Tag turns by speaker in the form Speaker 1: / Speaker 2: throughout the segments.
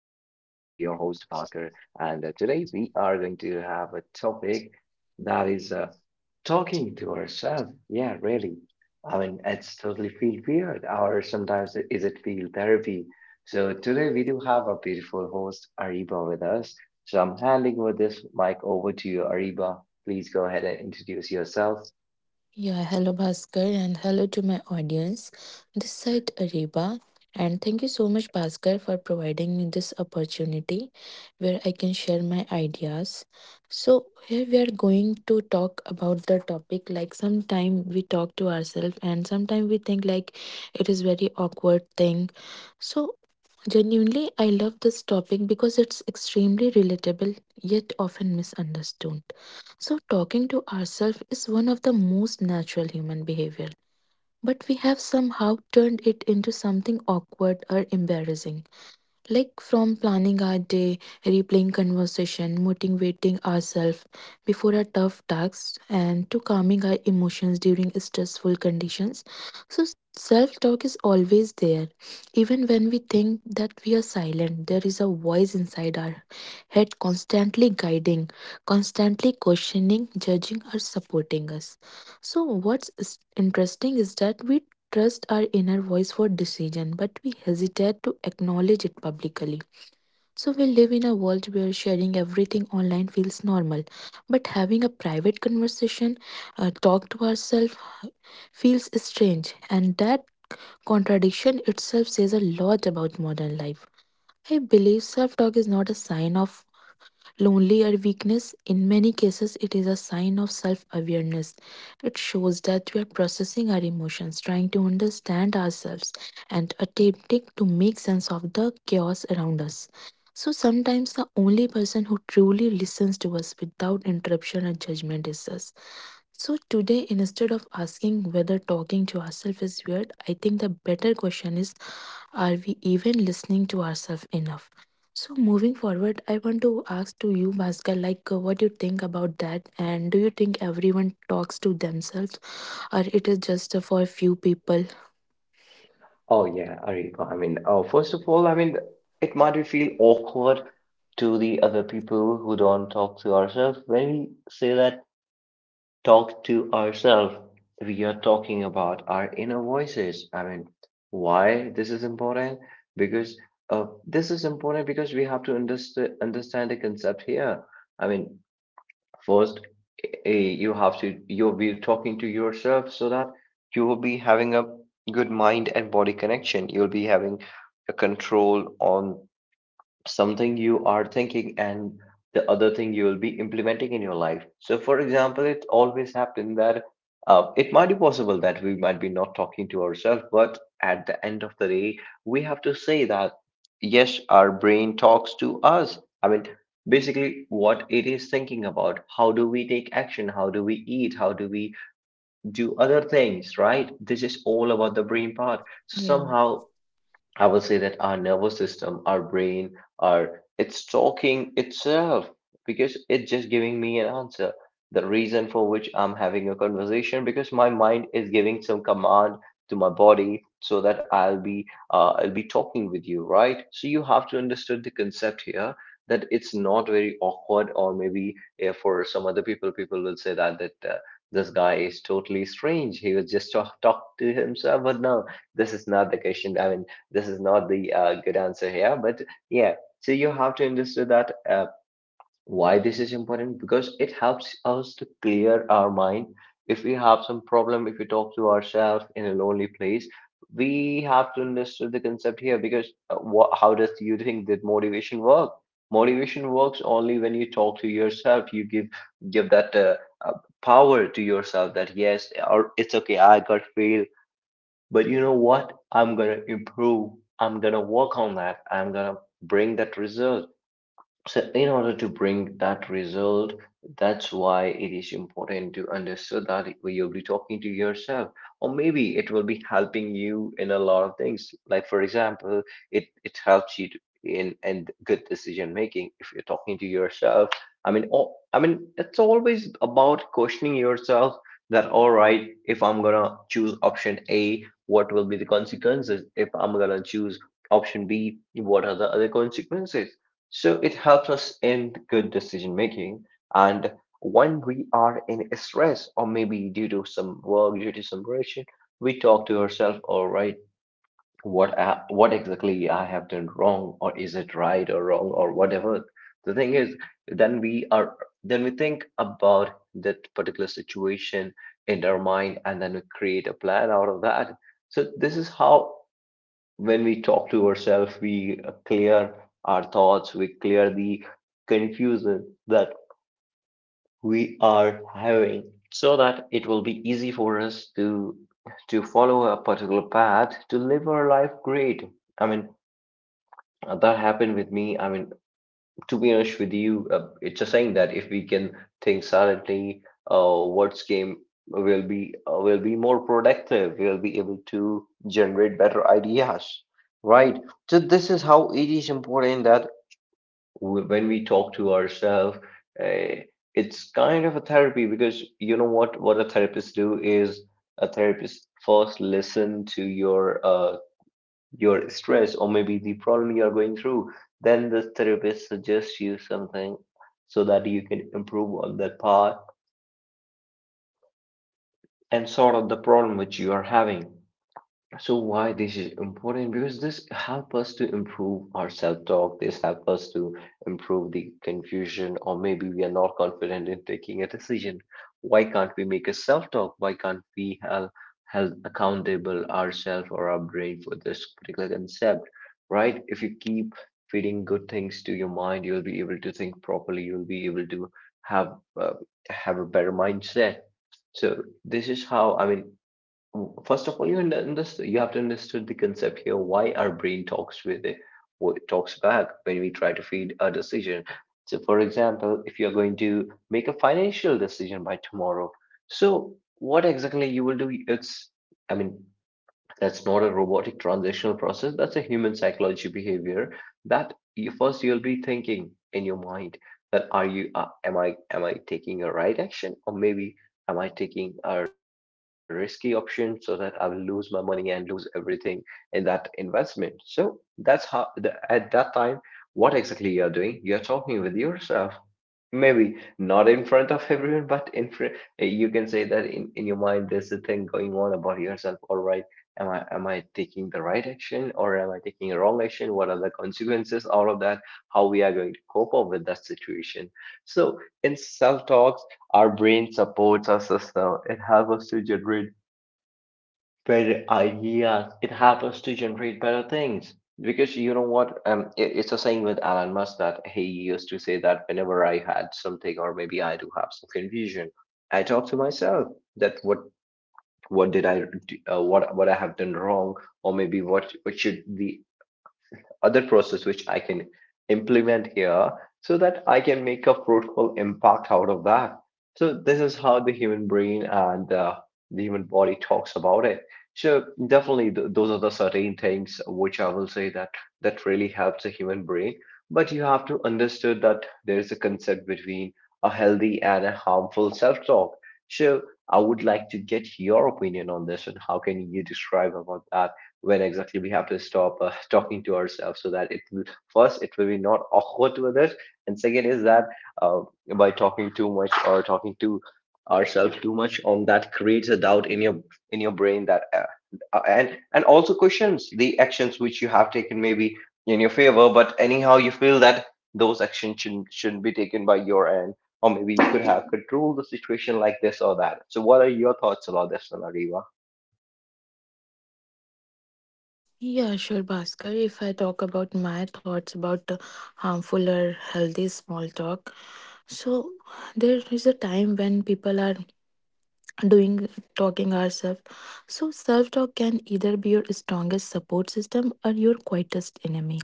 Speaker 1: Bhaskar, and today we are going to have a topic that is talking to ourselves. Yeah, really. I mean, it's totally feel weird, or sometimes is it feel therapy? So today we do have a beautiful host, Ariba, with us. So I'm handing with this mic over to you, Ariba. Please go ahead and introduce yourself.
Speaker 2: Yeah, hello Bhaskar, and hello to my audience. This side Ariba, and thank you so much Bhaskar for providing me this opportunity where I can share my ideas. So here we are going to talk about the topic, like sometime we talk to ourselves and sometimes we think like it is very awkward thing. So genuinely I love this topic because it's extremely relatable yet often misunderstood. So, talking to ourselves is one of the most natural human behavior, but we have somehow turned it into something awkward or embarrassing. Like from planning our day, replaying conversation, motivating ourselves before a tough task, and to calming our emotions during stressful conditions. So self talk is always there. Even when we think that we are silent, there is a voice inside our head constantly guiding, constantly questioning, judging, or supporting us. So interesting is that we trust our inner voice for decision, but we hesitate to acknowledge it publicly. So we live in a world where sharing everything online feels normal, but having a private conversation, talk to ourselves, feels strange, and that contradiction itself says a lot about modern life. I believe self talk is not a sign of lonely or weakness. In many cases, it is a sign of self awareness. It shows that we are processing our emotions, trying to understand ourselves, and attempting to make sense of the chaos around us. So sometimes the only person who truly listens to us without interruption or judgment is us. So today, instead of asking whether talking to ourselves is weird, I think the better question is, are we even listening to ourselves enough? So moving forward, I want to ask to you, Bhaskar, like what you think about that, and do you think everyone talks to themselves, or it is just for a few people?
Speaker 1: Oh yeah, Ariko. I mean, first of all, I mean, it might feel awkward to the other people who don't talk to ourselves. When we say that talk to ourselves, we are talking about our inner voices. I mean, why this is important? Because this is important because we have to understand the concept here. I mean, first, you'll be talking to yourself so that you will be having a good mind and body connection. You'll be having a control on something you are thinking and the other thing you will be implementing in your life. So, for example, it always happened that it might be possible that we might be not talking to ourselves, but at the end of the day, we have to say that yes, our brain talks to us. I mean, basically, what it is thinking about how do we take action, how do we eat, how do we do other things, right? This is all about the brain part. So,
Speaker 2: Yeah.
Speaker 1: somehow, I will say that our nervous system, our brain, our it's talking itself because it's just giving me an answer. The reason for which I'm having a conversation because my mind is giving some command to my body so that I'll be talking with you, right? So you have to understand the concept here that it's not very awkward or maybe for some other people, people will say that this guy is totally strange. He was just talk to himself, but no, this is not the question. I mean, this is not the good answer here, but yeah, so you have to understand that why this is important, because it helps us to clear our mind if we have some problem, if we talk to ourselves in a lonely place. We have to understand the concept here, because how does you think that motivation work motivation works only when you talk to yourself. You give that uh, power to yourself that yes, or it's okay, I got fail, but you know what? I'm gonna improve. I'm gonna work on that. I'm gonna bring that result. So in order to bring that result, that's why it is important to understand that you'll be talking to yourself, or maybe it will be helping you in a lot of things. Like for example, it helps you to, in and good decision making if you're talking to yourself. I mean, all, I mean, it's always about questioning yourself that all right, if I'm gonna choose option A, what will be the consequences? If I'm gonna choose option B, what are the other consequences? So it helps us in good decision making. And when we are in stress, or maybe due to some work, due to some pressure, we talk to ourselves, all right, what exactly I have done wrong, or is it right or wrong or whatever. The thing is, then we are then we think about that particular situation in our mind, and then we create a plan out of that. So this is how, when we talk to ourselves, we clear our thoughts, we clear the confusion that we are having, so that it will be easy for us to follow a particular path to live our life great. I mean, that happened with me. I mean, to be honest with you, it's a saying that if we can think silently, words game will be more productive. We'll be able to generate better ideas, right? So this is how it is important that when we talk to ourselves, uh, it's kind of a therapy, because you know what a therapist do is, a therapist first listen to your stress, or maybe the problem you are going through, then the therapist suggests you something so that you can improve on that part and sort out the problem which you are having. So why this is important? Because this help us to improve our self-talk. This help us to improve the confusion, or maybe we are not confident in taking a decision. Why can't we make a self-talk? Why can't we held accountable ourselves or our brain for this particular concept? Right? If you keep feeding good things to your mind, you'll be able to think properly. You'll be able to have uh, have a better mindset. So this is how, I mean, first of all, you understand, you have to understand the concept here. Why our brain talks with it, what talks back when we try to feed a decision. So, for example, if you are going to make a financial decision by tomorrow, so what exactly you will do? It's, I mean, that's not a robotic transitional process, that's a human psychology behavior. That you'll be thinking in your mind that are you am I taking a right action, or maybe am I taking a risky option so that I will lose my money and lose everything in that investment? So that's how at that time, what exactly you are doing, you're talking with yourself. Maybe not in front of everyone, but in front, you can say that in your mind there's a thing going on about yourself. All right, am I taking the right action, or am I taking a wrong action? What are the consequences out of that? How we are going to cope up with that situation? So in self talks, our brain supports our system. It helps us to generate better ideas. It helps us to generate better things. Because you know what? It's a saying with Elon Musk that he used to say that whenever I had something, or maybe I do have some confusion, I talk to myself that what did I do, what I have done wrong, or maybe what should the other process which I can implement here so that I can make a fruitful impact out of that. So this is how the human brain and the human body talks about it. So definitely those are the certain things which I will say that that really helps the human brain. But you have to understand that there is a concept between a healthy and a harmful self-talk. So I would like to get your opinion on this. And how can you describe about that, when exactly we have to stop talking to ourselves, so that it will first, it will be not awkward to others, and second is that uh, by talking too much, or talking to ourselves too much on that, creates a doubt in your brain, that and also questions the actions which you have taken, maybe in your favor, but anyhow you feel that those actions shouldn't be taken by your end, or maybe you could have controlled the situation like this or that. So what are your thoughts about this, Nariva?
Speaker 2: Yeah, sure, Bhaskar. If I talk about my thoughts about harmful or healthy small talk, so there is a time when people are doing talking ourselves. So self talk can either be your strongest support system or your quietest enemy.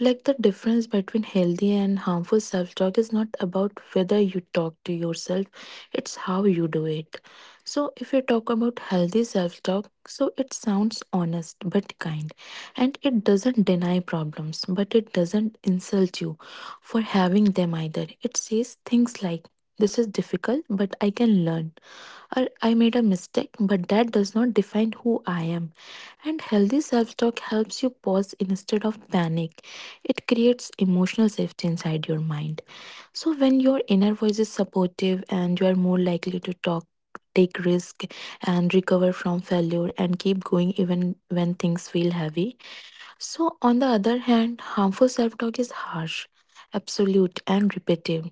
Speaker 2: Like the difference between healthy and harmful self talk is not about whether you talk to yourself, it's how you do it. So, if you talk about healthy self talk, so it sounds honest but kind, and it doesn't deny problems, but it doesn't insult you for having them either. It says things like, this is difficult, but I can learn, or I made a mistake, but that does not define who I am. And healthy self talk helps you pause instead of panic. It creates emotional safety inside your mind. So when your inner voice is supportive and you are more likely to talk, take risk, and recover from failure, and keep going even when things feel heavy. So on the other hand, harmful self-talk is harsh, absolute, and repetitive.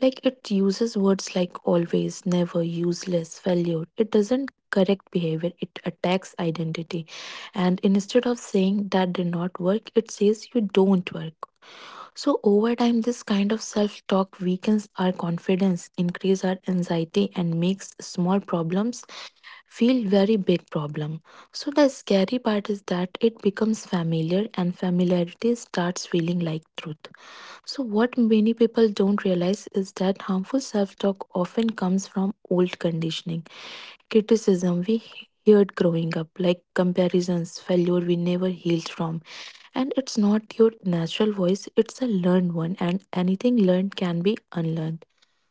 Speaker 2: Like it uses words like always, never, useless, failure. It doesn't correct behavior, it attacks identity. And instead of saying that did not work, it says you don't work. So, over time, this kind of self talk weakens our confidence, increase our anxiety, and makes small problems feel very big problem. So, the scary part is that it becomes familiar, and familiarity starts feeling like truth. So, what many people don't realize is that harmful self talk often comes from old conditioning, criticism we heard growing up, like comparisons, failure we never healed from. And it's not your natural voice, it's a learned one, and anything learned can be unlearned.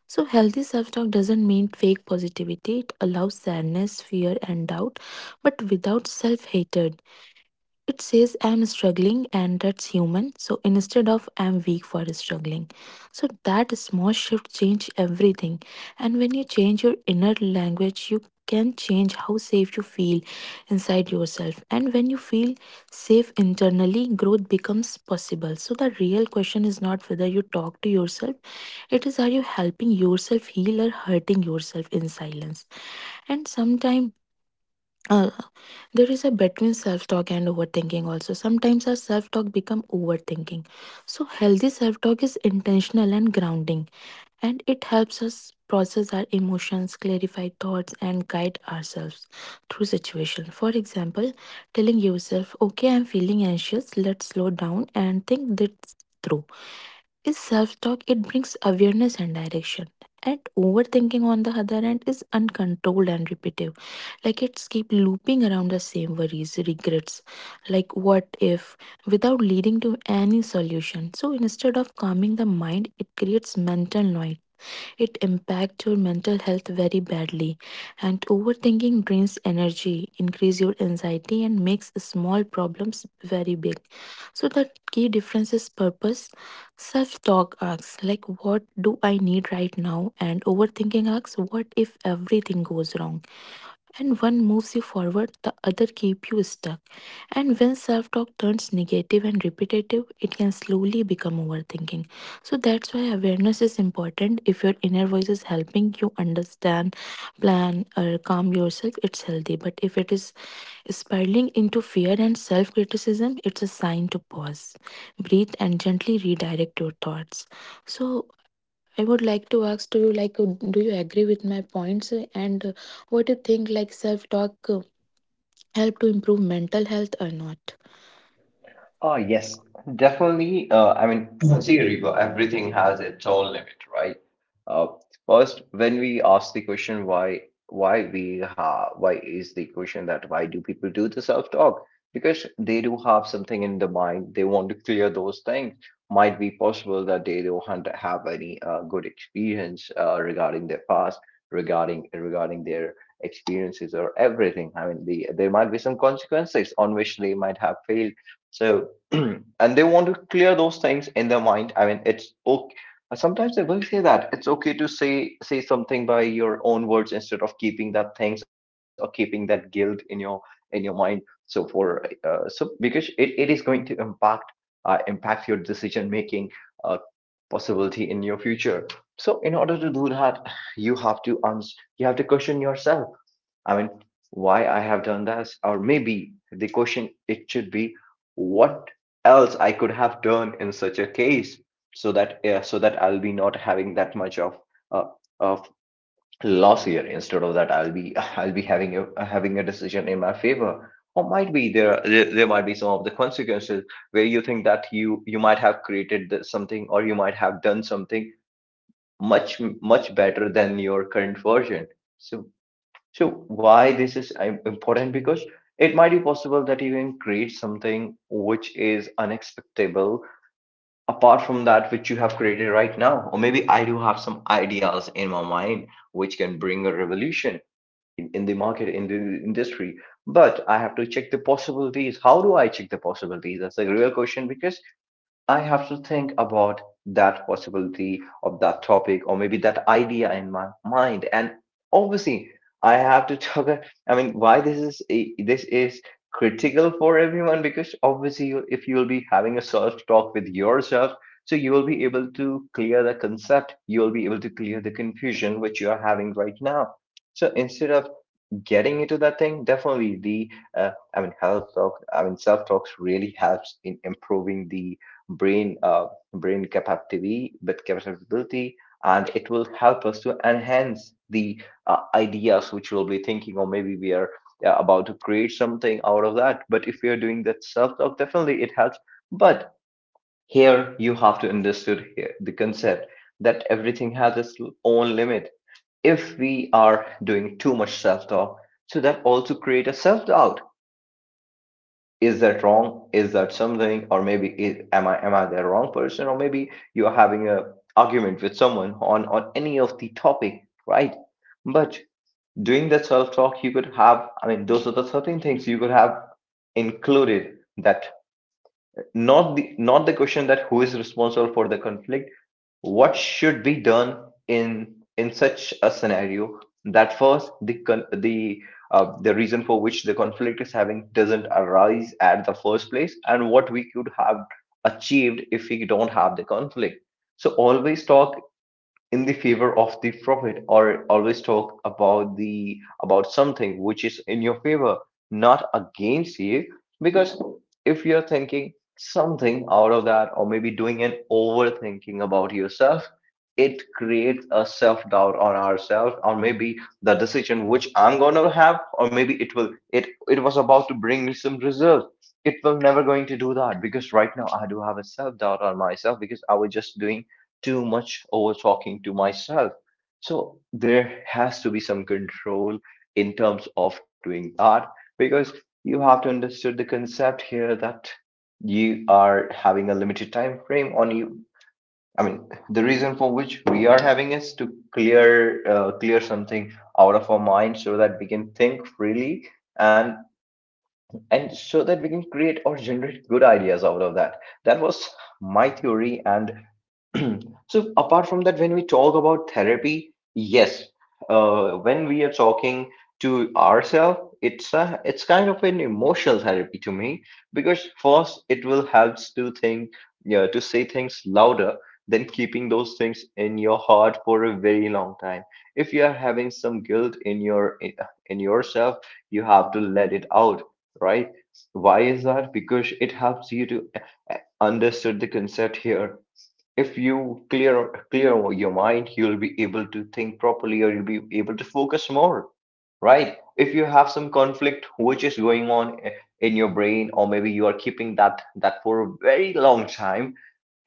Speaker 2: So, healthy self talk doesn't mean fake positivity. It allows sadness, fear, and doubt, but without self hatred. It says I'm struggling and that's human. So instead of I'm weak for struggling. So that small shift change everything. And when you change your inner language, you can change how safe you feel inside yourself. And when you feel safe internally, growth becomes possible. So the real question is not whether you talk to yourself, it is, are you helping yourself heal or hurting yourself in silence? And sometimes there is a between self-talk and overthinking. Also, sometimes our self-talk become overthinking. So healthy self-talk is intentional and grounding, and it helps us process our emotions, clarify thoughts, and guide ourselves through situation. For example, telling yourself, okay, I'm feeling anxious, let's slow down and think this through, is self talk. It brings awareness and direction. And overthinking, on the other hand, is uncontrolled and repetitive. Like it's keep looping around the same worries, regrets, like what if, without leading to any solution. So instead of calming the mind, it creates mental noise. It impacts your mental health very badly. And overthinking drains energy, increase your anxiety, and makes small problems very big. So the key difference is purpose. Self-talk asks, like, what do I need right now? And overthinking asks, what if everything goes wrong? And one moves you forward, the other keep you stuck. And when self talk turns negative and repetitive, it can slowly become overthinking. So that's why awareness is important. If your inner voice is helping you understand, plan, or calm yourself, it's healthy. But if it is spiraling into fear and self criticism, it's a sign to pause, breathe, and gently redirect your thoughts. So I would like to ask to you, like, do you agree with my points, and what do you think, like, self talk help to improve mental health or not?
Speaker 1: Oh, yes, definitely. I mean, see, Reba, everything has its own limit, right? Uh, first, when we ask the question why, why is the question that why do people do the self-talk? Because they do have something in the mind, they want to clear those things. Might be possible that they don't have any good experience regarding their past, regarding their experiences or everything. I mean, there might be some consequences on which they might have failed. So and they want to clear those things in their mind. I mean, it's okay. Sometimes they will say that it's okay to say something by your own words, instead of keeping that things or keeping that guilt in your mind. So for so because it is going to impact your decision making uh, possibility in your future. So in order to do that, you have to you have to question yourself. I mean, why I have done this? Or maybe the question it should be, what else I could have done in such a case, so that so that I'll be not having that much of uh, of loss here. Instead of that, I'll be I'll be having a decision in my favor. Or might be there, there might be some of the consequences where you think that you might have something, or you might have done something much better than your current version. So why this is important? Because it might be possible that you can create something which is unexpectable, apart from that which you have created right now. Or maybe I do have some ideas in my mind which can bring a revolution in the market, in the industry. But I have to check the possibilities. How do I check the possibilities? That's a real question, because I have to think about that possibility of that topic, or maybe that idea in my mind. And obviously, I have to talk. I mean, why this is critical for everyone? Because obviously, you- if you will be having a self talk with yourself, so you will be able to clear the concept. You will be able to clear the confusion which you are having right now. So instead of getting into that thing, definitely the health talk, I mean self talks really helps in improving the brain brain capacity with capability, and it will help us to enhance the ideas which we'll be thinking, or maybe we are about to create something out of that. But if we are doing that self talk, definitely it helps. But here you have to understood here the concept that everything has its own limit. If we are doing too much self talk, so that also create a self doubt. Is that wrong? Is that something? Or maybe is, am I the wrong person? Or maybe you are having a argument with someone on any of the topic, right? But doing that self talk, you could have. I mean, those are the certain things you could have included. That, not the question that who is responsible for the conflict, what should be done in such a scenario, that first the reason for which the conflict is having doesn't arise at the first place, and what we could have achieved if we don't have the conflict. So always talk in the favor of the profit, or always talk about the about something which is in your favor, not against you. Because if you're thinking something out of that, or maybe doing an overthinking about yourself, it creates a self doubt on ourselves. Or maybe the decision which I'm going to have, or maybe it will it was about to bring me some results, it will never going to do that, because right now I do have a self doubt on myself, because I was just doing too much over talking to myself. So there has to be some control in terms of doing that. Because you have to understood the concept here that you are having a limited time frame on you. I mean, the reason for which we are having is to clear clear something out of our mind, so that we can think freely, and and so that we can create or generate good ideas out of that. That was my theory, and so apart from that, when we talk about therapy, yes, when we are talking to ourselves, it's kind of an emotional therapy to me, because first it will help to think, yeah, to say things louder than keeping those things in your heart for a very long time. If you are having some guilt in in yourself, you have to let it out, right? Why is that? Because it helps you to understood the concept here. If you clear clear your mind, you'll be able to think properly, or you'll be able to focus more. Right, if you have some conflict which is going on in your brain, or maybe you are keeping that for a very long time,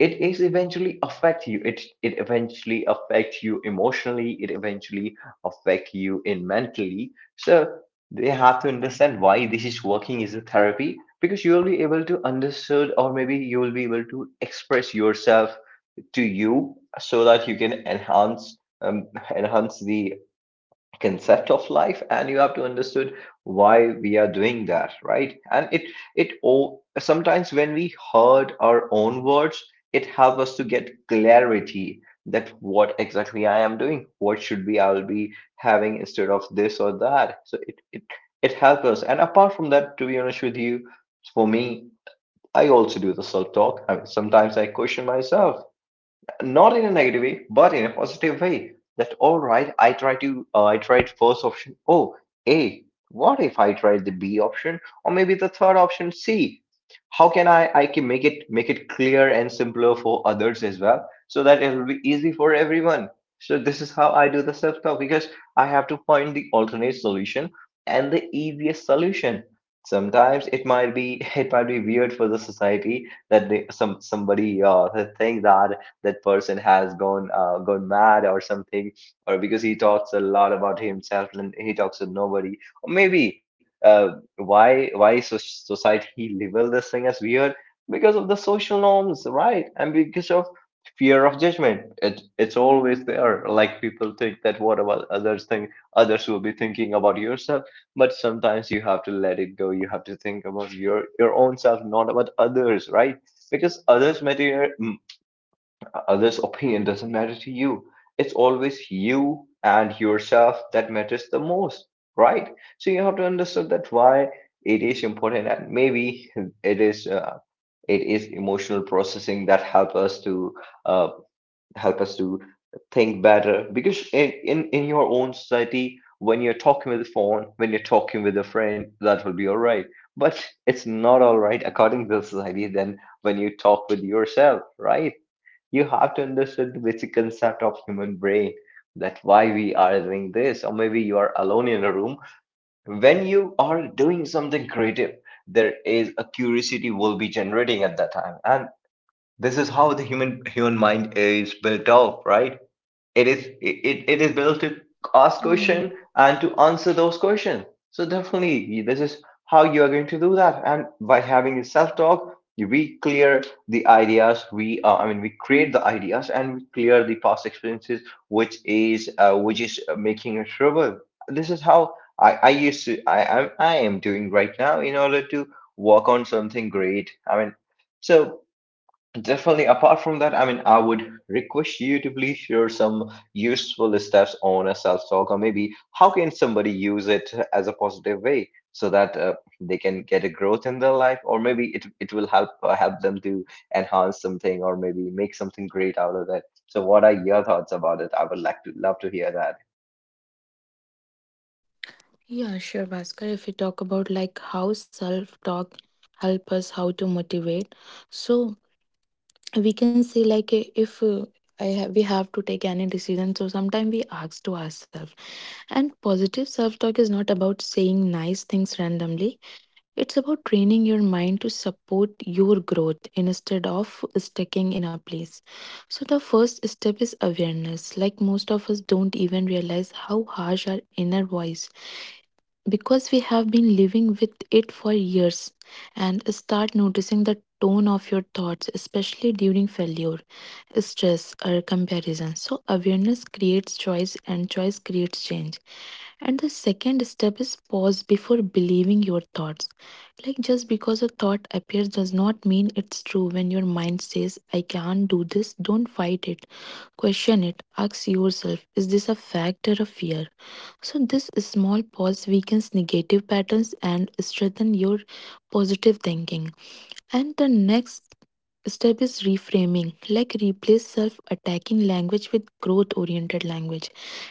Speaker 1: it is eventually affect you, it eventually affect you emotionally, it eventually affect you in mentally. So they have to understand why this is working as a therapy, because you will be able to understood, or maybe you will be able to express yourself to you, so that you can enhance enhance the concept of life. And you have to understood why we are doing that, right? And it all sometimes when we heard our own words, it helps us to get clarity, that what exactly I am doing, what should be I'll be having instead of this or that. So it helps us. And apart from that, to be honest with you, for me, I also do the self talk. I mean, sometimes I question myself, not in a negative way, but in a positive way. That all right, I try to I tried first option. Oh, A. What if I tried the B option, or maybe the third option, C? How can I can make it clear and simpler for others as well, so that it will be easy for everyone. So this is how I do the self-talk, because I have to find the alternate solution, and the easiest solution. Sometimes it might be it might be weird for the society that they, somebody think that that person has gone gone mad or something, or because he talks a lot about himself and he talks to nobody. Or maybe why society label this thing as weird? Because of the social norms, right? And because of fear of judgment, it's always there, like people think that what about others think, others will be thinking about yourself. But sometimes you have to let it go, you have to think about your own self, not about others, right? Because others matter. Others' opinion doesn't matter to you. It's always you and yourself that matters the most, right? So you have to understand that why it is important. And maybe it is uh, it is emotional processing that help us to uh, help us to think better. Because in in your own society, when you're talking with the phone, when you're talking with a friend, that will be all right. But it's not all right according to the society. Then when you talk with yourself, right? You have to understand the basic concept of human brain, that why we are doing this. Or maybe you are alone in a room, when you are doing something creative, there is a curiosity will be generating at that time. And this is how the human mind is built up, right? It is it is built to ask
Speaker 2: Yeah,
Speaker 1: question and to answer those questions. So definitely, this is how you are going to do that. And by having a self-talk, we clear the ideas. We we create the ideas, and we clear the past experiences, which is making a trouble. This is how I used to I am doing right now, in order to work on something great. I mean, so. Definitely. Apart from that, I mean, I would request you to please share some useful steps on a self-talk, or maybe how can somebody use it as a positive way, so that they can get a growth in their life, or maybe it it will help help them to enhance something, or maybe make something great out of that. So, what are your thoughts about it? I would like to love to hear that.
Speaker 2: yeah, sure, Bhaskar. If we talk about like how self-talk help us how to motivate, so we can say like eh, if I have, we have to take any decision, so sometimes we ask to ourselves. And positive self-talk is not about saying nice things randomly. It's about training your mind to support your growth instead of sticking in a place. So the first step is awareness. Like most of us don't even realize how harsh our inner voice, because we have been living with it for years, and start noticing the tone of your thoughts, especially during failure, stress, or comparison. So awareness creates choice and choice creates change. And the second step is pause before believing your thoughts. Like just because a thought appears does not mean it's true. When your mind says I can't do this, don't fight it. Question it. Ask yourself, is this a fact or a fear? So, this small pause weakens negative patterns and strengthen your positive thinking. And the next step is reframing, like replace self attacking language with growth oriented language.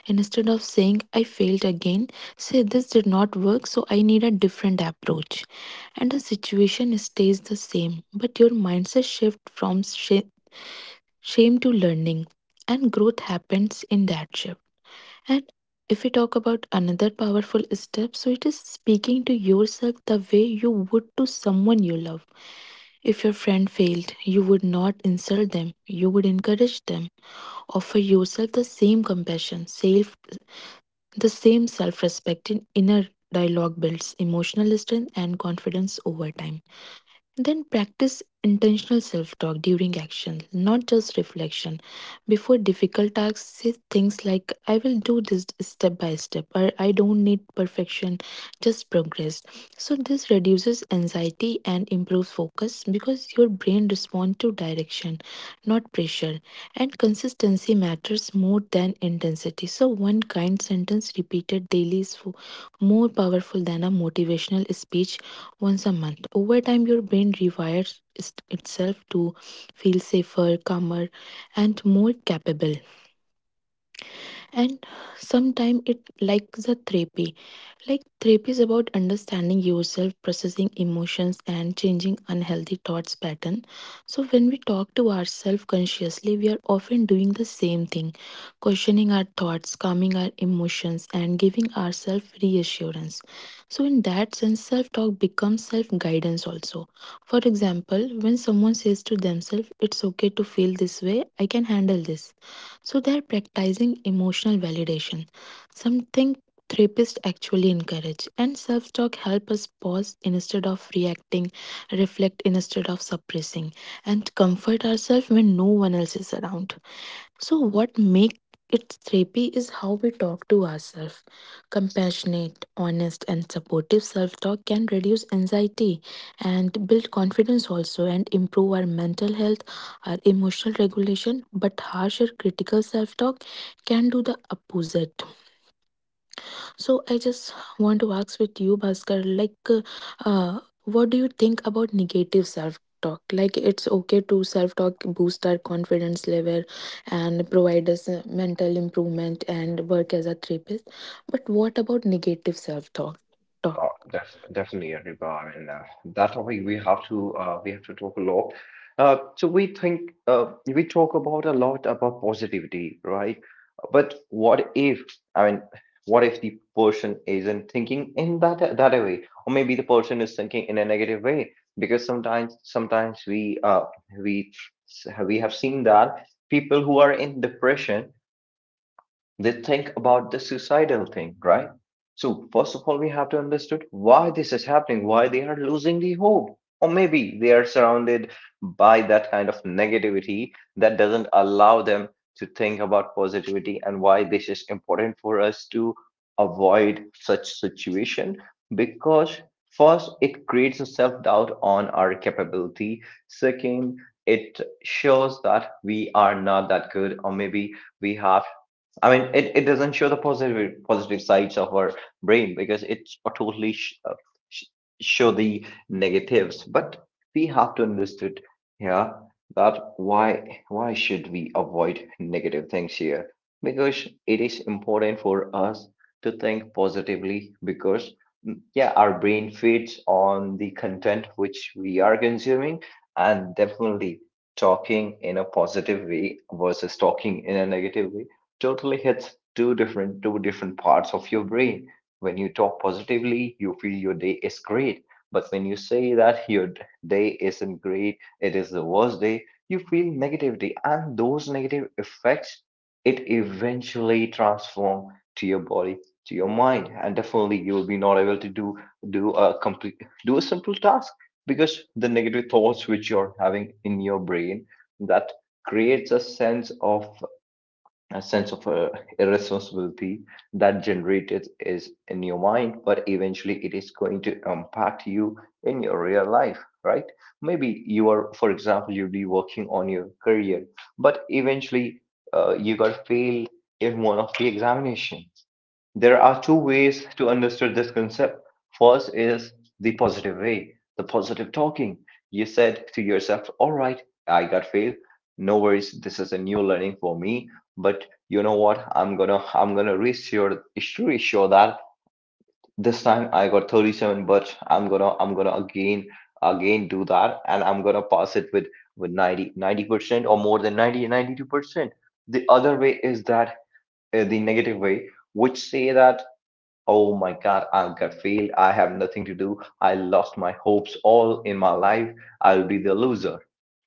Speaker 2: And instead of saying, I failed again, say, this did not work, so I need a different approach. And the situation stays the same, but your mindset shift from shame to learning, and growth happens in that shift. And if we talk about another powerful step, so it is speaking to yourself the way you would to someone you love. If your friend failed, you would not insult them, you would encourage them. Offer yourself the same compassion, self, the same self respect in inner dialogue builds emotional strength and confidence over time. And then practice intentional self talk during action, not just reflection. Before difficult tasks, say things like, I will do this step by step, or I don't need perfection, just progress. So, this reduces anxiety and improves focus because your brain responds to direction, not pressure. And consistency matters more than intensity. So, one kind sentence repeated daily is more powerful than a motivational speech once a month. Over time, your brain rewires itself to feel safer, calmer, and more capable. And sometimes it like the therapy. Like therapy is about understanding yourself, processing emotions, and changing unhealthy thoughts pattern. So when we talk to ourselves consciously, we are often doing the same thing, questioning our thoughts, calming our emotions, and giving ourselves reassurance. So in that sense self talk becomes self guidance also. For example, when someone says to themselves, it's okay to feel this way, I can handle this, so they're practicing emotional validation, something therapists actually encourage. And self talk help us pause instead of reacting, reflect instead of suppressing, and comfort ourselves when no one else is around. So, what make it therapy is how we talk to ourselves. Compassionate, honest, and supportive self talk can reduce anxiety and build confidence also, and improve our mental health, our emotional regulation. But harsher critical self talk can do the opposite. So I just want to ask with you, Bhaskar, like, what do you think about negative self talk? Like, it's okay to self talk boost our confidence level and provide us mental improvement and work as a therapist. But what about negative self talk?
Speaker 1: Oh, definitely, Riba, and that topic we have to talk a lot. So we think we talk about a lot about positivity, right? But what if I mean, what if the person isn't thinking in that way, or maybe the person is thinking in a negative way? Because sometimes we we have seen that people who are in depression, they think about the suicidal thing, right? So first of all, we have to understand why this is happening, why they are losing the hope, or maybe they are surrounded by that kind of negativity that doesn't allow them to think about positivity. And why this is important for us to avoid such situation? Because first it creates a self-doubt on our capability. Second, it shows that we are not that good, or maybe we have I mean, it doesn't show the positive sides of our brain, because it's a totally sh- show the negatives. But we have to understand here that why should we avoid negative things here? Because it is important for us to think positively because yeah, our brain feeds on the content which we are consuming, and definitely talking in a positive way versus talking in a negative way totally hits two different parts of your brain. When you talk positively, you feel your day is great, but when you say that day isn't great, it is the worst day. You feel negativity, and those negative effects, it eventually transform to your body, to your mind, and definitely you will be not able to do a complete do a simple task, because the negative thoughts which you're having in your brain, that creates a sense of irresponsibility, that generated is in your mind, but eventually it is going to impact you in your real life, right? Maybe you are, for example, you'll be working on your career, but eventually you got failed in one of the examination. There are two ways to understand this concept. First is the positive way, the positive talking. You said to yourself, "All right, I got failed. No worries, this is a new learning for me. But you know what? I'm gonna reassure that this time I got 37, but I'm gonna again do that, and I'm gonna pass it with 90% or more than 90, 92%." The other way is that, the negative way, which say that, "Oh my god, I got failed, I have nothing to do, I lost my hopes all in my life, I'll be the loser."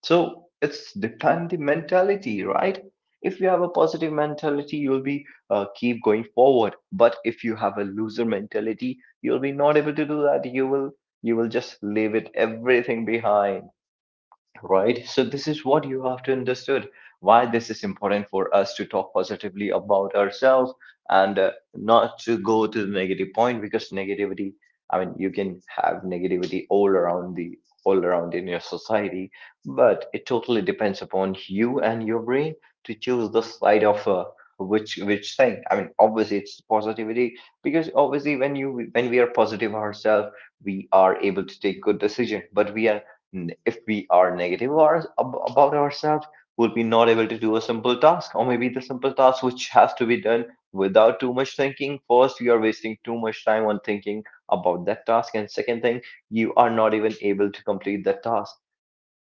Speaker 1: So it's depend the mentality, right? If you have a positive mentality, you'll be keep going forward, but if you have a loser mentality, you'll be not able to do that, you will just leave it everything behind. Right. So this is what you have to understood, why this is important for us to talk positively about ourselves, and not to go to the negative point, because negativity, I mean, you can have negativity all around the all around in your society, but it totally depends upon you and your brain to choose the side of which thing. I mean, obviously it's positivity, because obviously when we are positive ourselves, we are able to take good decision, but we are, if we are negative or, about ourselves, we'll be not able to do a simple task, or maybe the simple task which has to be done without too much thinking. First, you are wasting too much time on thinking about that task, and second thing, you are not even able to complete that task.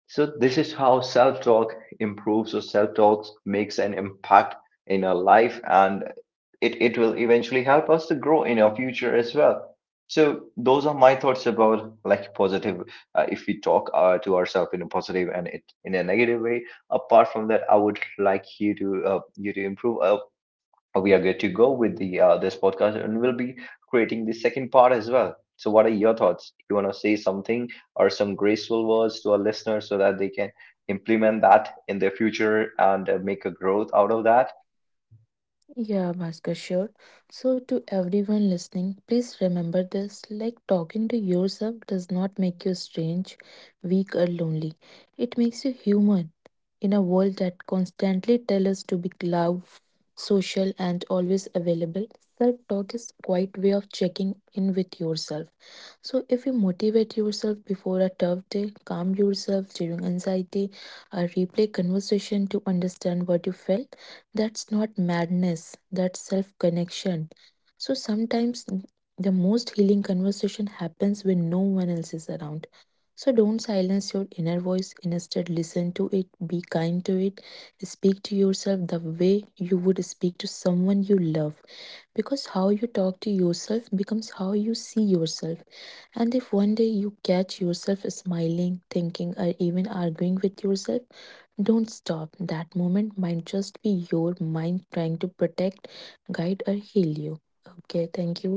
Speaker 1: So this is how self talk improves, or self talk makes an impact in our life, and it will eventually help us to grow in our future as well. So those are my thoughts about, like, positive, if we talk to ourselves in a positive in a negative way. Apart from that, I would like you to you to improve, we are good to go with the this podcast, and we'll be creating the second part as well. So what are your thoughts? You want to say something, or some graceful words to our listeners, so that they can implement that in their future and make a growth out of that.
Speaker 2: Yeah, Bhaskar, sure. So, to everyone listening, please remember this, like talking to yourself does not make you strange, weak, or lonely. It makes you human in a world that constantly tells us to be loud, social, and always available. Self talk is quite way of checking in with yourself. So, if you motivate yourself before a tough day, calm yourself during anxiety, or replay conversation to understand what you felt, that's not madness, that's self connection. So sometimes the most healing conversation happens when no one else is around. So don't silence your inner voice, instead, listen to it, be kind to it, speak to yourself the way you would speak to someone you love. Because how you talk to yourself becomes how you see yourself. And if one day you catch yourself smiling, thinking, or even arguing with yourself, don't stop. That moment might just be your mind trying to protect, guide, or heal you. Okay, thank you.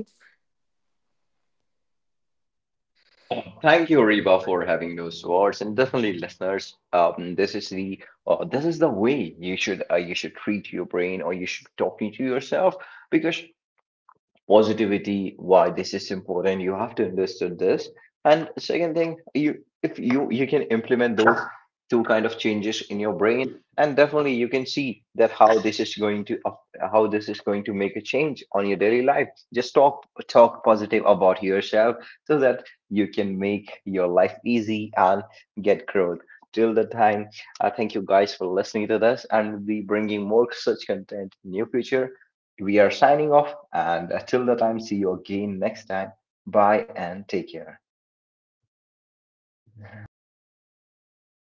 Speaker 1: Oh, thank you, Reba, for having those words. And definitely, listeners, this is the way you should treat your brain, or you should talking to yourself, because positivity, why this is important. You have to understand this. And second thing, you, if you you can implement those two kind of changes in your brain, and definitely you can see that how this is going to how this is going to make a change on your daily life. Just talk positive about yourself so that you can make your life easy and get growth. Till the time, I thank you guys for listening to this, and we'll be bringing more such content in near future. We are signing off, and until the time, see you again next time. Bye and take care.